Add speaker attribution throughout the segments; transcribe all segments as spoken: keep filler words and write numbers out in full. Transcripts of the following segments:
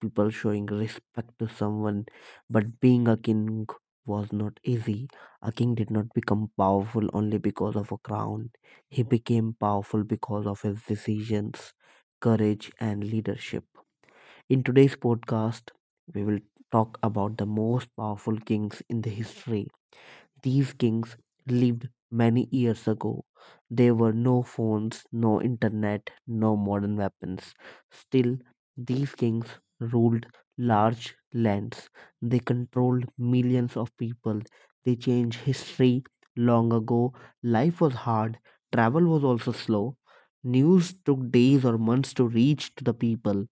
Speaker 1: people showing respect to someone. But being a king was not easy. A king did not become powerful only because of a crown, he became powerful because of his decisions, courage, and leadership. In today's podcast, we will talk about the most powerful kings in the history. These kings lived many years ago. There were no phones, no internet, no modern weapons. Still, these kings ruled large lands. They controlled millions of people. They changed history long ago. Life was hard. Travel was also slow. News took days or months to reach to the people.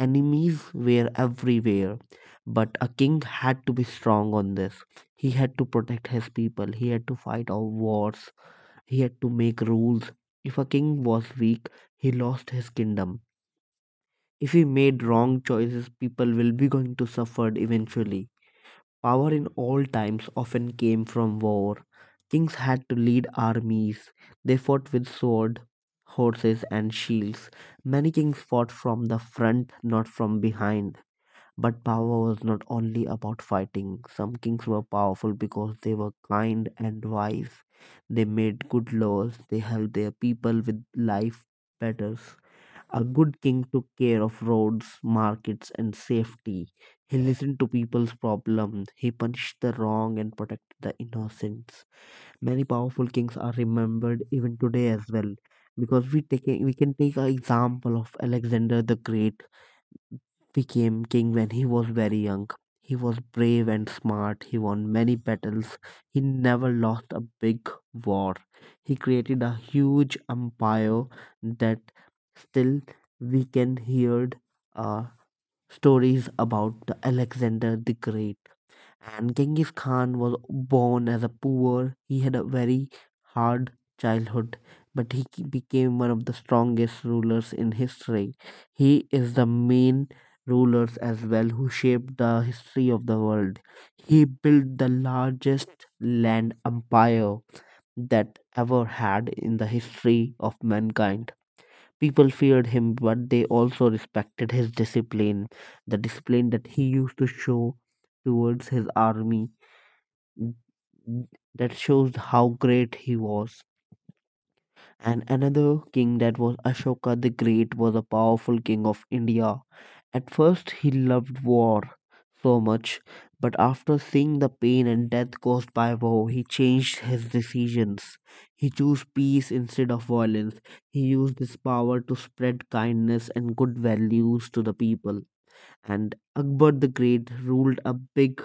Speaker 1: Enemies were everywhere, but a king had to be strong on this. He had to protect his people, he had to fight all wars, he had to make rules. If a king was weak, he lost his kingdom. If he made wrong choices, people will be going to suffer eventually. Power in old times often came from war. Kings had to lead armies. They fought with sword, horses, and shields. Many kings fought from the front, not from behind. But power was not only about fighting. Some kings were powerful because they were kind and wise. They made good laws. They helped their people with life matters. A good king took care of roads, markets, and safety. He listened to people's problems. He punished the wrong and protected the innocents. Many powerful kings are remembered even today as well because we take a, we can take an example of Alexander the Great. Became king when he was very young. He was brave and smart. He won many battles. He never lost a big war. He created a huge empire that still we can hear uh, stories about the Alexander the Great. And Genghis Khan was born as a poor. He had a very hard childhood, but he ke- became one of the strongest rulers in history. He is the main rulers as well who shaped the history of the world. He built the largest land empire that ever had in the history of mankind. People feared him, but they also respected his discipline, the discipline that he used to show towards his army. Mm, mm, That shows how great he was. And another king that was Ashoka the Great was a powerful king of India. At first, he loved war so much, but after seeing the pain and death caused by war, he changed his decisions. He chose peace instead of violence. He used his power to spread kindness and good values to the people. And Akbar the Great ruled a big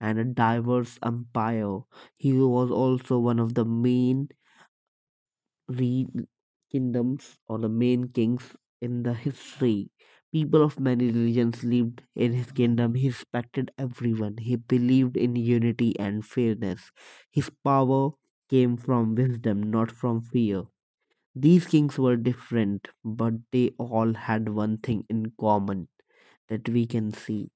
Speaker 1: and a diverse empire. He was also one of the main re- kingdoms or the main kings in the history. People of many religions lived in his kingdom. He respected everyone. He believed in unity and fairness. His power came from wisdom, not from fear. These kings were different, but they all had one thing in common that we can see: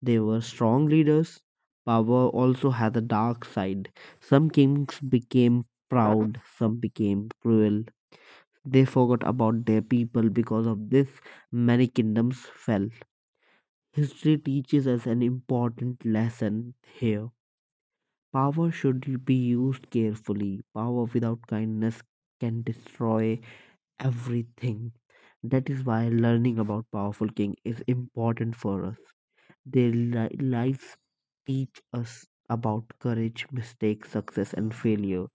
Speaker 1: they were strong leaders. Power also had a dark side. Some kings became proud, some became cruel. They forgot about their people. Because of this, many kingdoms fell. History teaches us an important lesson here. Power should be used carefully. Power without kindness can destroy everything. That is why learning about powerful king is important for us. Their li- lives teach us about courage, mistakes, success, and failure.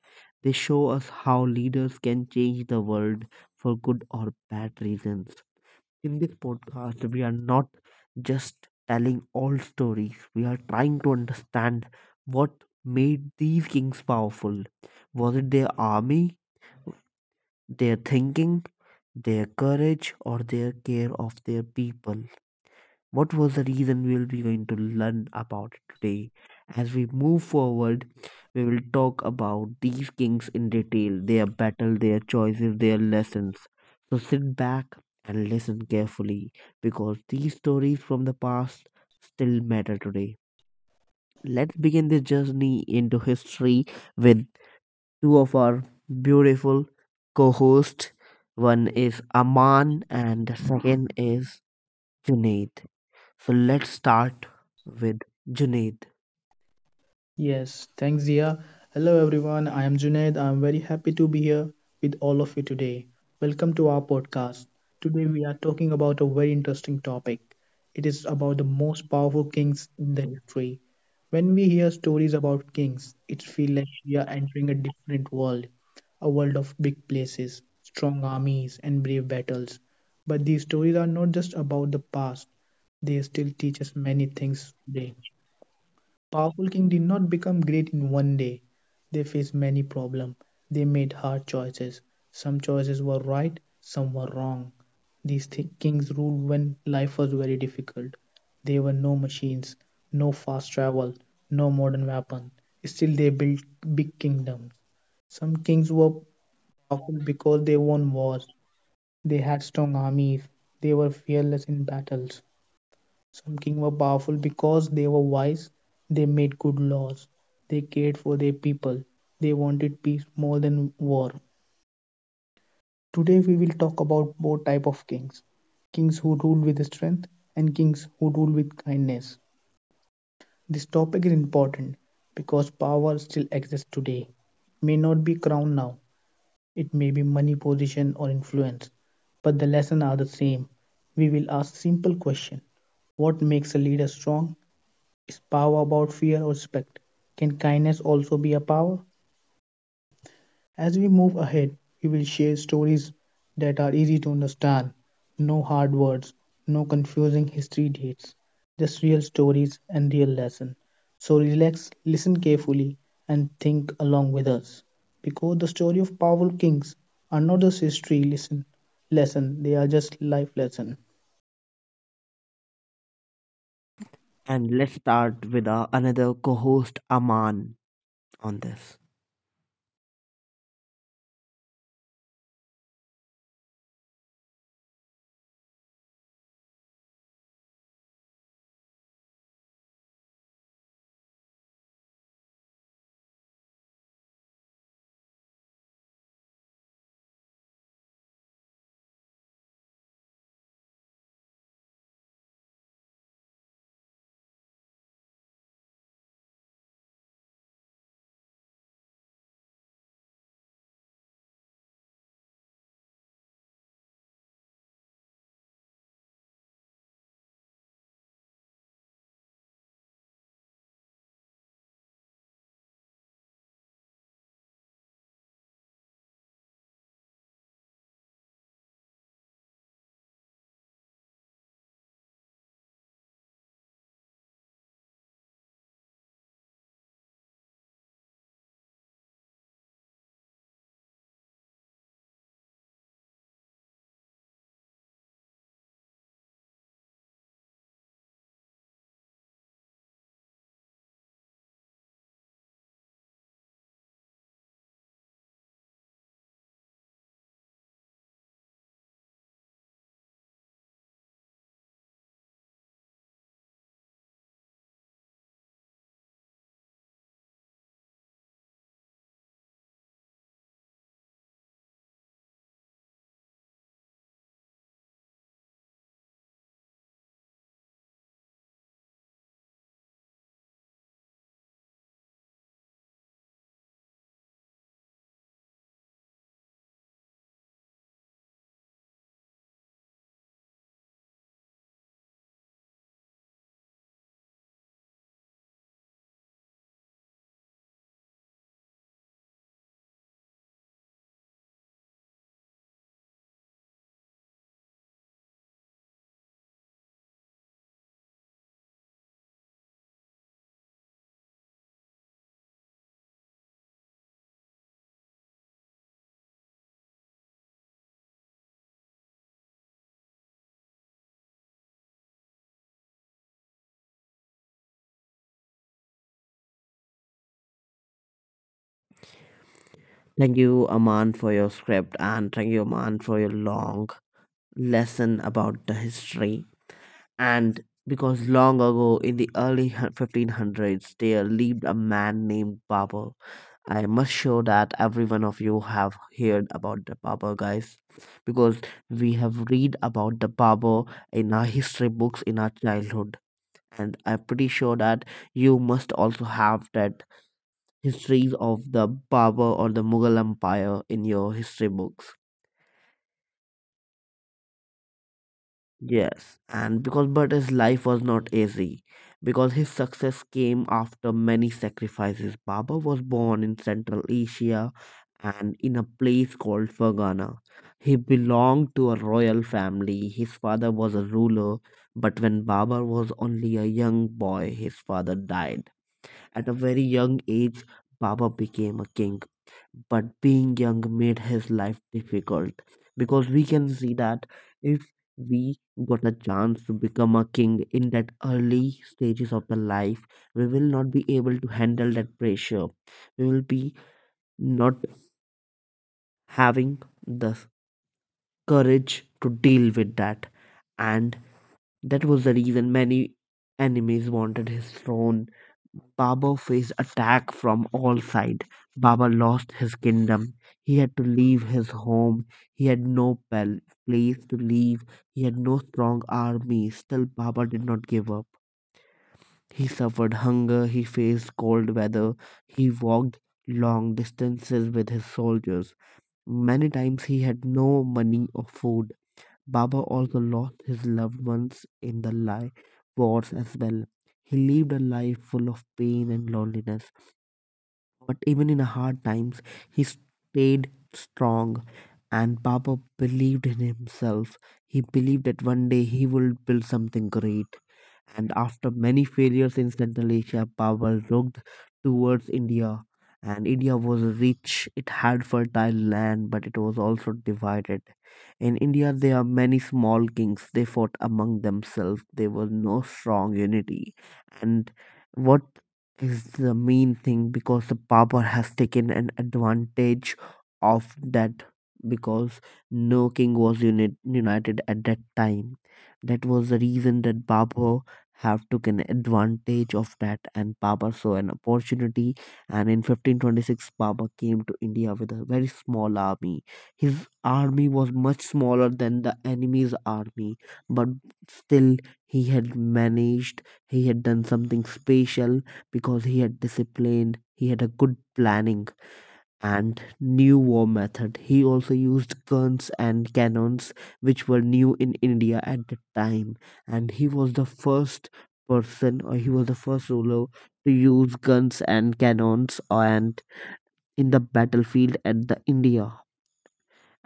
Speaker 1: They show us how leaders can change the world for good or bad reasons. In this podcast, we are not just telling all stories, we are trying to understand what made these kings powerful. Was it their army, their thinking, their courage, or their care of their people? What was the reason? We will be going to learn about it today. As we move forward, we will talk about these kings in detail, their battle, their choices, their lessons. So sit back and listen carefully, because these stories from the past still matter today. Let's begin this journey into history with two of our beautiful co-hosts. One is Aman and the second is Junaid. So let's start with Junaid,
Speaker 2: Yes, thanks, Zia. Hello, everyone. I am Junaid. I am very happy to be here with all of you today. Welcome to our podcast. Today, we are talking about a very interesting topic. It is about the most powerful kings in the history. When we hear stories about kings, it feels like we are entering a different world, a world of big places, strong armies, and brave battles. But these stories are not just about the past, they still teach us many things today. Powerful king did not become great in one day. They faced many problems. They made hard choices. Some choices were right, some were wrong. These thi- kings ruled when life was very difficult. There were no machines, no fast travel, no modern weapon. Still, they built big kingdoms. Some kings were powerful because they won wars. They had strong armies. They were fearless in battles. Some kings were powerful because they were wise, they made good laws, they cared for their people, they wanted peace more than war. Today we will talk about both type of kings, kings who rule with strength and kings who rule with kindness. This topic is important because power still exists today. It may not be crown now, it may be money, position or influence, but the lesson are the same. We will ask simple question: what makes a leader strong? Is power about fear or respect? Can kindness also be a power? As we move ahead, we will share stories that are easy to understand. No hard words, no confusing history dates, just real stories and real lesson. So relax, listen carefully, and think along with us. Because the story of powerful kings are not just history lesson, lesson they are just life lesson.
Speaker 1: and let's start with our another co-host Aman on this. Thank you, Aman, for your script, and thank you, Aman, for your long lesson about the history. And because long ago, in the early hun- fifteen hundreds, there lived a man named Babur. I must show that every one of you have heard about the Babur guys, because we have read about the Babur in our history books in our childhood, and I'm pretty sure that you must also have that histories of the Babur or the Mughal Empire in your history books. Yes, and because but his life was not easy, because his success came after many sacrifices. Babur was born in Central Asia and in a place called Fergana. He belonged to a royal family. His father was a ruler, but when Babur was only a young boy, his father died. At a very young age, Baba became a king. But being young made his life difficult, because we can see that if we got a chance to become a king in that early stages of the life, we will not be able to handle that pressure. We will be not having the courage to deal with that. And that was the reason many enemies wanted his throne. Baba faced attack from all sides. Baba lost his kingdom. He had to leave his home. He had no pal- place to live. He had no strong army. Still, Baba did not give up. He suffered hunger. He faced cold weather. He walked long distances with his soldiers. Many times he had no money or food. Baba also lost his loved ones in the li- wars as well. He lived a life full of pain and loneliness. But even in hard times, he stayed strong, and Papa believed in himself. He believed that one day he would build something great. And after many failures in Central Asia, Papa looked towards India. And India was rich, it had fertile land, but it was also divided. In India, there are many small kings. They fought among themselves. There was no strong unity. And what is the main thing, because the power has taken an advantage of that, because no king was unit, united at that time. That was the reason that Babur have taken advantage of that. And Babur saw an opportunity, and in fifteen twenty-six Babur came to India with a very small army. His army was much smaller than the enemy's army, but still he had managed. He had done something special because he had discipline, he had a good planning and new war method. He also used guns and cannons, which were new in India at the time, and he was the first person, or he was the first ruler to use guns and cannons and in the battlefield at the India.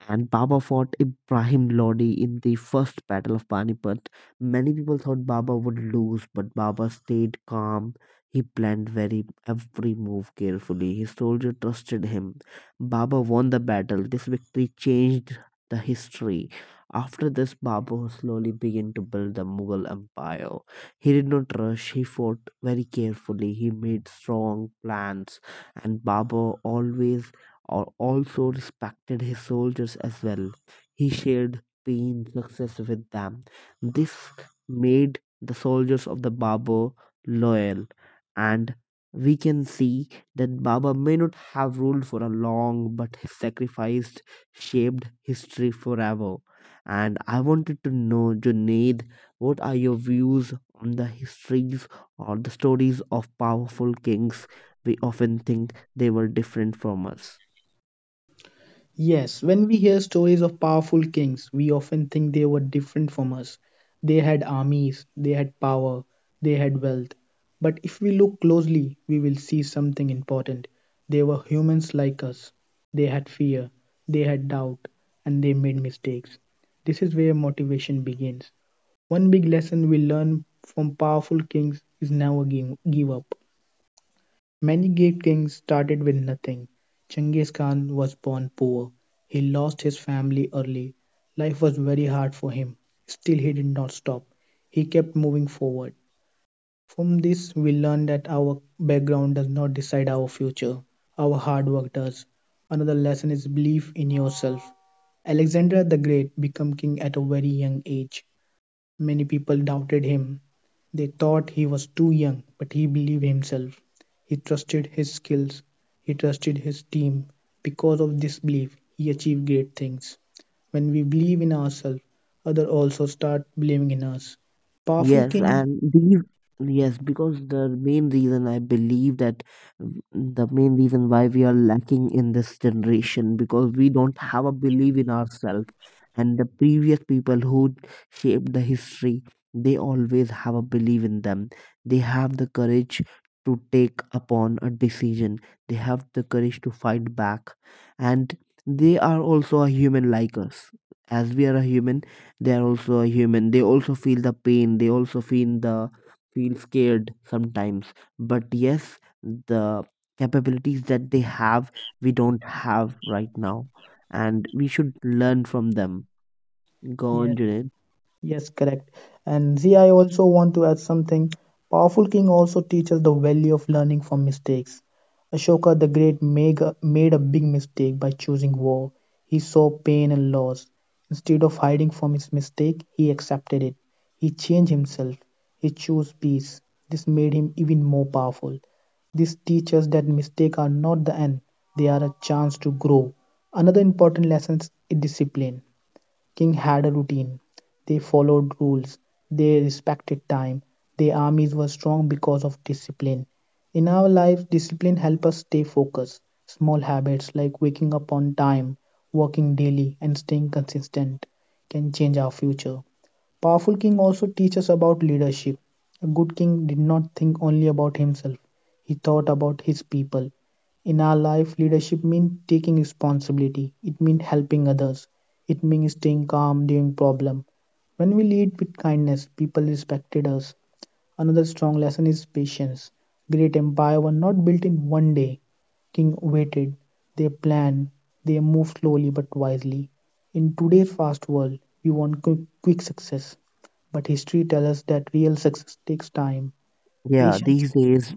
Speaker 1: And Baba fought Ibrahim Lodi in the first battle of Panipat. Many people thought Baba would lose, but Baba stayed calm. He planned very every move carefully. His soldier trusted him. Baba won the battle. This victory changed the history. After this, Baba slowly began to build the Mughal Empire. He did not rush. He fought very carefully. He made strong plans, and Baba always al- also respected his soldiers as well. He shared pain, success with them. This made the soldiers of the Baba loyal, and we can see that Baba may not have ruled for a long, but his sacrifice shaped history forever. And I wanted to know, Junaid, what are your views on the histories or the stories of powerful kings? We often think they were different from us.
Speaker 2: Yes, when we hear stories of powerful kings, we often think they were different from us. They had armies, they had power, they had wealth. But if we look closely, we will see something important. They were humans like us. They had fear, they had doubt, and they made mistakes. This is where motivation begins. One big lesson we learn from powerful kings is never give, give up. Many great kings started with nothing. Genghis Khan was born poor. He lost his family early. Life was very hard for him. Still, he did not stop. He kept moving forward. From this, we learn that our background does not decide our future, our hard work does. Another lesson is belief in yourself. Alexander the Great became king at a very young age. Many people doubted him. They thought he was too young, but he believed himself. He trusted his skills. He trusted his team. Because of this belief, he achieved great things. When we believe in ourselves, others also start believing in us. Powerful
Speaker 1: Yes,
Speaker 2: king,
Speaker 1: and these, yes, because the main reason I believe that mm, the main reason why we are lacking in this generation because we don't have a belief in ourselves. And the previous people who shaped the history, they always have a belief in them. They have the courage to take upon a decision. They have the courage to fight back. And they are also a human like us. As we are a human, they are also a human. They also feel the pain, they also feel the feel scared sometimes. But yes, the capabilities that they have, we don't have right now, and we should learn from them. Go on,
Speaker 2: yes.
Speaker 1: Junaid.
Speaker 2: Yes, correct. And see, I also want to add something. Powerful King also teaches the value of learning from mistakes. Ashoka the Great make a- made a big mistake by choosing war. He saw pain and loss. Instead of hiding from his mistake, he accepted it. He changed himself. He chose peace. This made him even more powerful. This teaches that mistakes are not the end, they are a chance to grow. Another important lesson is discipline. King had a routine. They followed rules. They respected time. Their armies were strong because of discipline. In our lives, discipline helps us stay focused. Small habits like waking up on time, working daily, and staying consistent can change our future. Powerful king also teaches us about leadership. A good king did not think only about himself, he thought about his people. In our life, leadership means taking responsibility. It means helping others. It means staying calm during problem. When we lead with kindness, people respected us. Another strong lesson is patience. Great empire were not built in one day. King waited. They planned. They moved slowly but wisely. In today's fast world, we want quick, quick success, but history tells us that real success takes time,
Speaker 1: Yeah,
Speaker 2: patience,
Speaker 1: these days,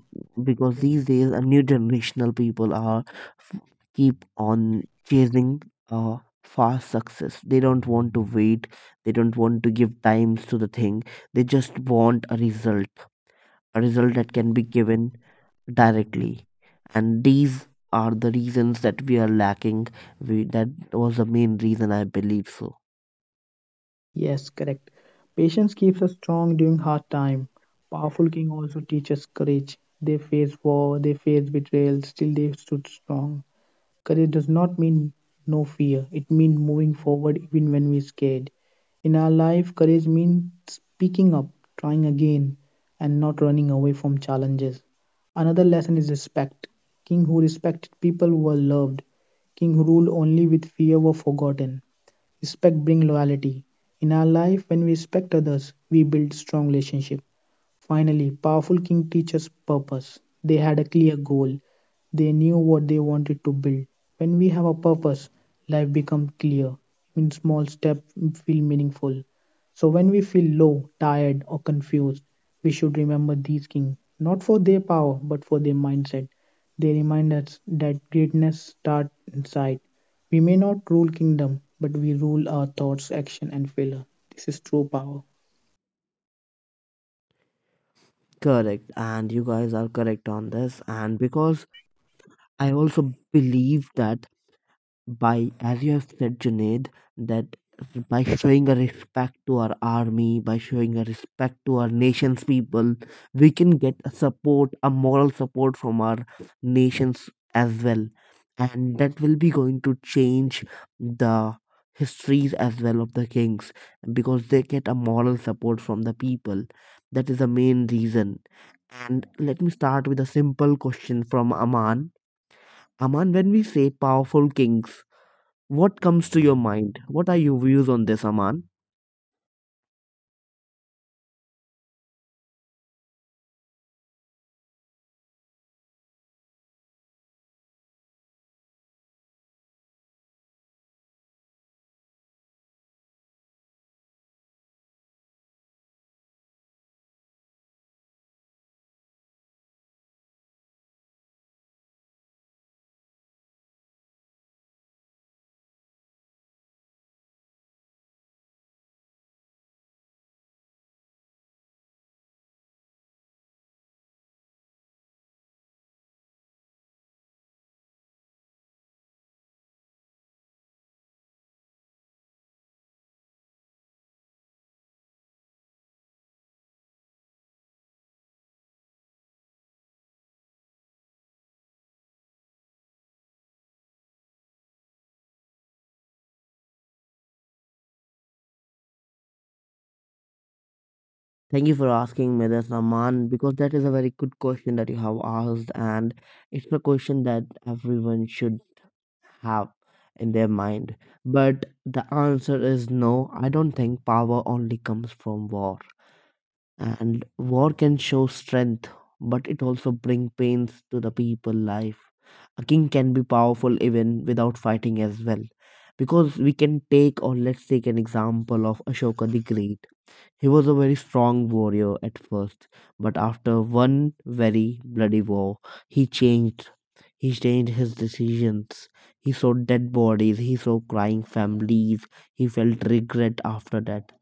Speaker 1: because these days a new generational people are f- keep on chasing uh fast success. They don't want to wait, they don't want to give times to the thing, they just want a result, a result that can be given directly, and these are the reasons that we are lacking. We That was the main reason I believe so.
Speaker 2: yes, correct. Patience keeps us strong during hard time. Powerful king also teaches courage. They face war, they face betrayal, still they stood strong. Courage does not mean no fear. It means moving forward even when we're scared. In our life, courage means speaking up, trying again, and not running away from challenges. Another lesson is respect. King who respected people were loved. King who ruled only with fear were forgotten. Respect brings loyalty. In our life, when we respect others, we build strong relationship. Finally, powerful King teaches purpose. They had a clear goal. They knew what they wanted to build. When we have a purpose, life becomes clear. In small steps, feel meaningful. So when we feel low, tired, or confused, we should remember these kings, not for their power, but for their mindset. They remind us that greatness starts inside. We may not rule kingdom, but we rule our thoughts, action, and failure. This is true power.
Speaker 1: Correct, and you guys are correct on this. And because I also believe that by, as you have said, Junaid, that by showing a respect to our army, by showing a respect to our nation's people, we can get a support, a moral support from our nations as well, and that will be going to change the histories as well of the kings, because they get a moral support from the people. That is the main reason. And let me start with a simple question from Aman. Aman, when we say powerful kings, what comes to your mind? What are your views on this, Aman? Thank you for asking me this, Aman, because that is a very good question that you have asked, and it's a question that everyone should have in their mind. But the answer is no, I don't think power only comes from war. And war can show strength, but it also bring pains to the people life. A king can be powerful even without fighting as well, because we can take, or let's take an example of Ashoka the Great. He was a very strong warrior at first, but after one very bloody war, he changed. He changed his decisions. He saw dead bodies, he saw crying families, he felt regret. After that,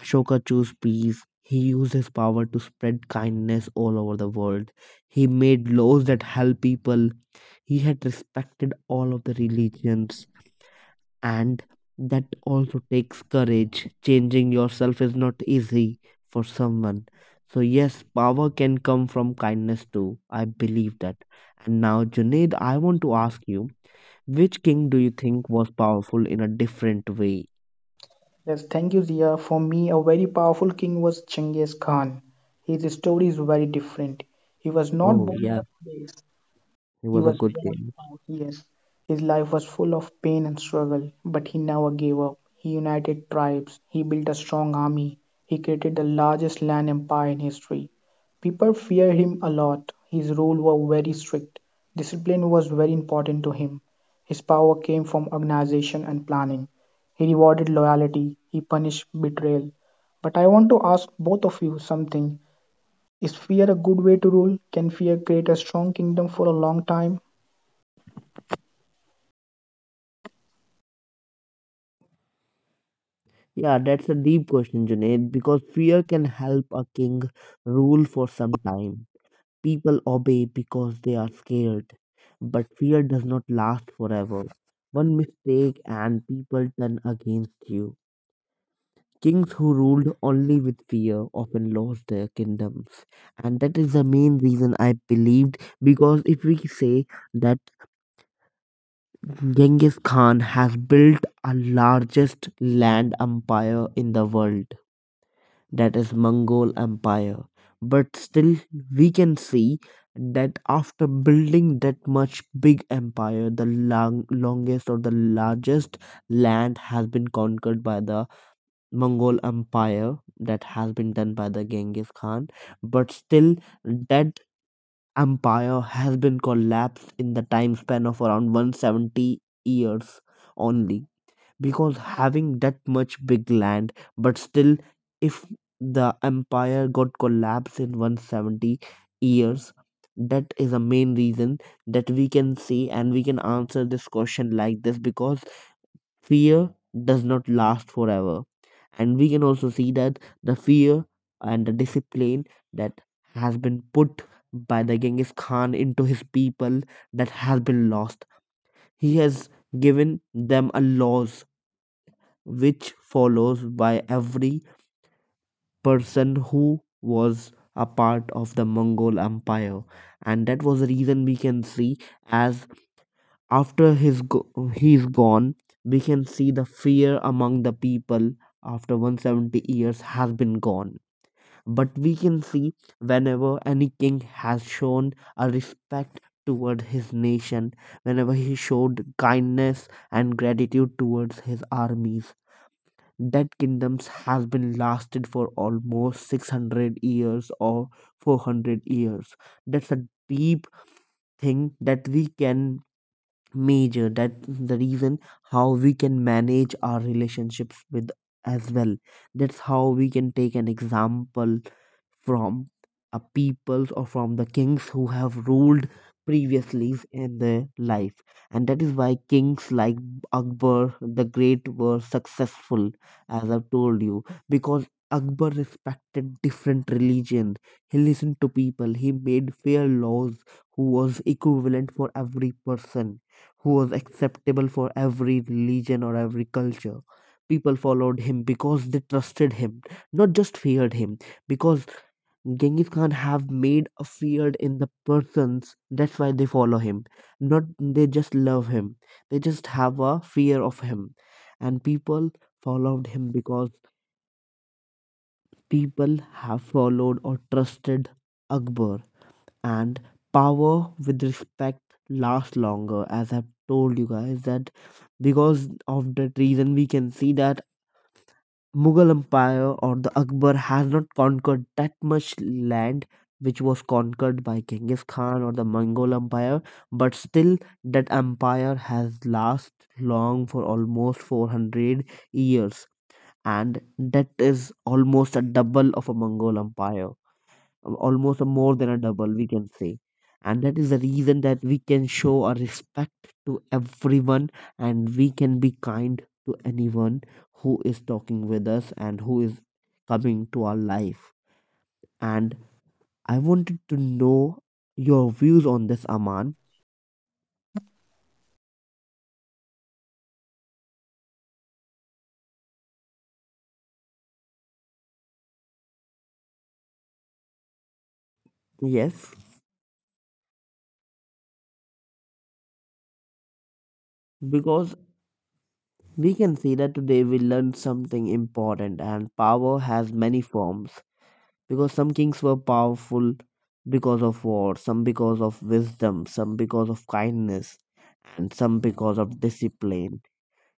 Speaker 1: Ashoka chose peace. He used his power to spread kindness all over the world. He made laws that help people. He had respected all of the religions. And that also takes courage. Changing yourself is not easy for someone. So, yes, power can come from kindness too. I believe that. And now, Junaid, I want to ask you, which king do you think was powerful in a different way?
Speaker 2: Yes, thank you, Zia. For me, a very powerful king was Genghis Khan. His story is very different. He was not
Speaker 1: Oh,
Speaker 2: born in
Speaker 1: yeah,
Speaker 2: a palace.
Speaker 1: he
Speaker 2: He
Speaker 1: was a
Speaker 2: was
Speaker 1: good
Speaker 2: worn
Speaker 1: king.
Speaker 2: out, yes. His life was full of pain and struggle, but he never gave up. He united tribes, he built a strong army, he created the largest land empire in history. People feared him a lot. His rule were very strict. Discipline was very important to him. His power came from organization and planning. He rewarded loyalty, he punished betrayal. But I want to ask both of you something. Is fear a good way to rule? Can fear create a strong kingdom for a long time?
Speaker 1: Yeah, that's a deep question, Junaid, because fear can help a king rule for some time. People obey because they are scared, but fear does not last forever. One mistake and people turn against you. Kings who ruled only with fear often lost their kingdoms. And that is the main reason I believed, because if we say that Genghis Khan has built a largest land empire in the world, that is Mongol Empire. But still, we can see that after building that much big empire, the long, longest or the largest land has been conquered by the Mongol Empire, that has been done by the Genghis Khan. But still, that empire has been collapsed in the time span of around one hundred seventy years only. Because having that much big land, but still if the empire got collapsed in one hundred seventy years, that is a main reason that we can see, and we can answer this question like this, because fear does not last forever. And we can also see that the fear and the discipline that has been put by the Genghis Khan into his people, that has been lost. He has given them a laws which follows by every person who was a part of the Mongol Empire. And that was the reason we can see, as after his go- he's gone, we can see the fear among the people after one hundred seventy years has been gone. But we can see, whenever any king has shown a respect toward his nation, whenever he showed kindness and gratitude towards his armies, that kingdoms has been lasted for almost six hundred years or four hundred years. That's a deep thing that we can major, that the reason how we can manage our relationships with as well, that's how we can take an example from a peoples or from the kings who have ruled previously in their life. And that is why kings like Akbar the Great were successful, as I've told you, because Akbar respected different religion. He listened to people, he made fair laws who was equivalent for every person, who was acceptable for every religion or every culture. People followed him because they trusted him, not just feared him. Because Genghis Khan have made a feared in the persons, that's why they follow him. Not they just love him, they just have a fear of him. And people followed him because people have followed or trusted Akbar. And power with respect lasts longer, as I've told you guys, that because of that reason we can see that Mughal Empire, or the Akbar has not conquered that much land which was conquered by Genghis Khan or the Mongol Empire, but still that empire has last long for almost four hundred years, and that is almost a double of a Mongol Empire, um, almost a more than a double, we can say. And that is the reason that we can show our respect to everyone, and we can be kind to anyone who is talking with us and who is coming to our life. And I wanted to know your views on this, Aman. Yes, because we can see that today we learned something important, and power has many forms, because some kings were powerful because of war, some because of wisdom, some because of kindness, and some because of discipline.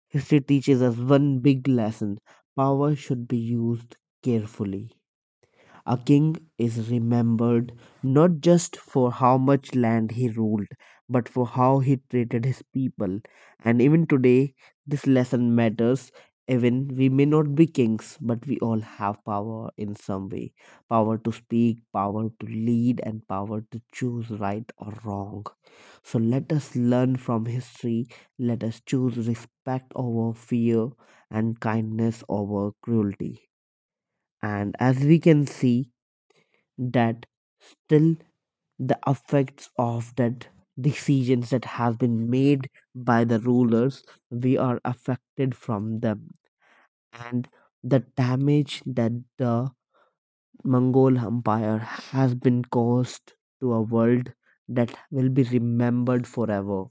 Speaker 1: History teaches us one big lesson: power should be used carefully. A king is remembered not just for how much land he ruled, but for how he treated his people. And even today, this lesson matters. Even we may not be kings, but we all have power in some way: power to speak, power to lead, and power to choose right or wrong. So let us learn from history. Let us choose respect over fear and kindness over cruelty. And as we can see, that still the effects of that decisions that have been made by the rulers, we are affected from them, and the damage that the Mongol Empire has been caused to a world, that will be remembered forever.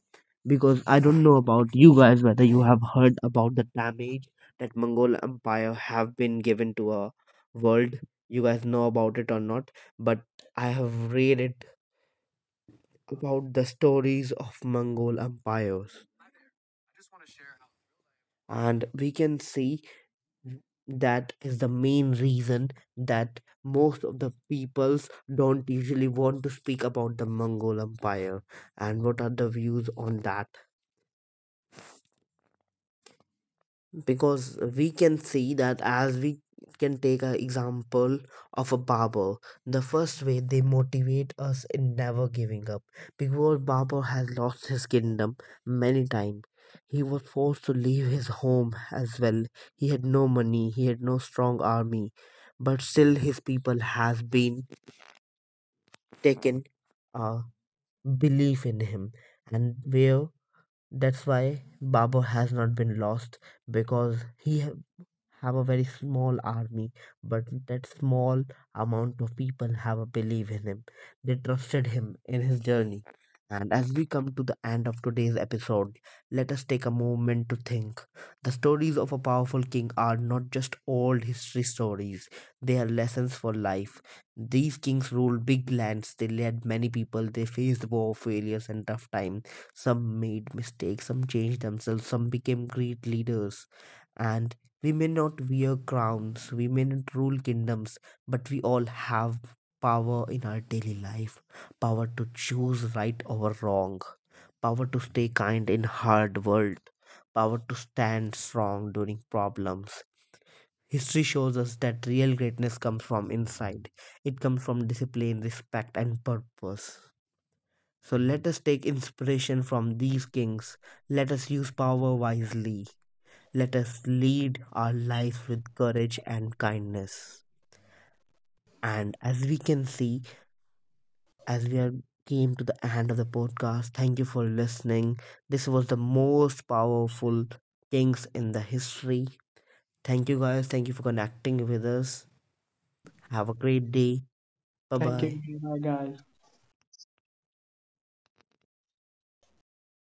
Speaker 1: Because I don't know about you guys whether you have heard about the damage that Mongol Empire have been given to a world. You guys know about it or not, but I have read it about the stories of Mongol empires. And we can see that is the main reason that most of the peoples don't usually want to speak about the Mongol Empire. And what are the views on that? Because we can see that, as we can take an example of a Barber, the first way they motivate us in never giving up, because Barber has lost his kingdom many times. He was forced to leave his home as well. He had no money, he had no strong army, but still his people has been taken a belief in him. And where that's why Barber has not been lost, because he have a very small army, but that small amount of people have a belief in him. They trusted him in his journey. And as we come to the end of today's episode, let us take a moment to think. The stories of a powerful king are not just old history stories, they are lessons for life. These kings ruled big lands, they led many people, they faced war, failures, and tough times. Some made mistakes, some changed themselves, some became great leaders. And we may not wear crowns, we may not rule kingdoms, but we all have power in our daily life: power to choose right over wrong, power to stay kind in hard world, power to stand strong during problems. History shows us that real greatness comes from inside. It comes from discipline, respect, and purpose. So let us take inspiration from these kings. Let us use power wisely. Let us lead our lives with courage and kindness. And as we can see, as we are came to the end of the podcast, thank you for listening. This was the most powerful things in the history. Thank you guys. Thank you for connecting with us. Have a great day. Bye
Speaker 2: Thank you,
Speaker 1: bye.
Speaker 2: Meera, guys.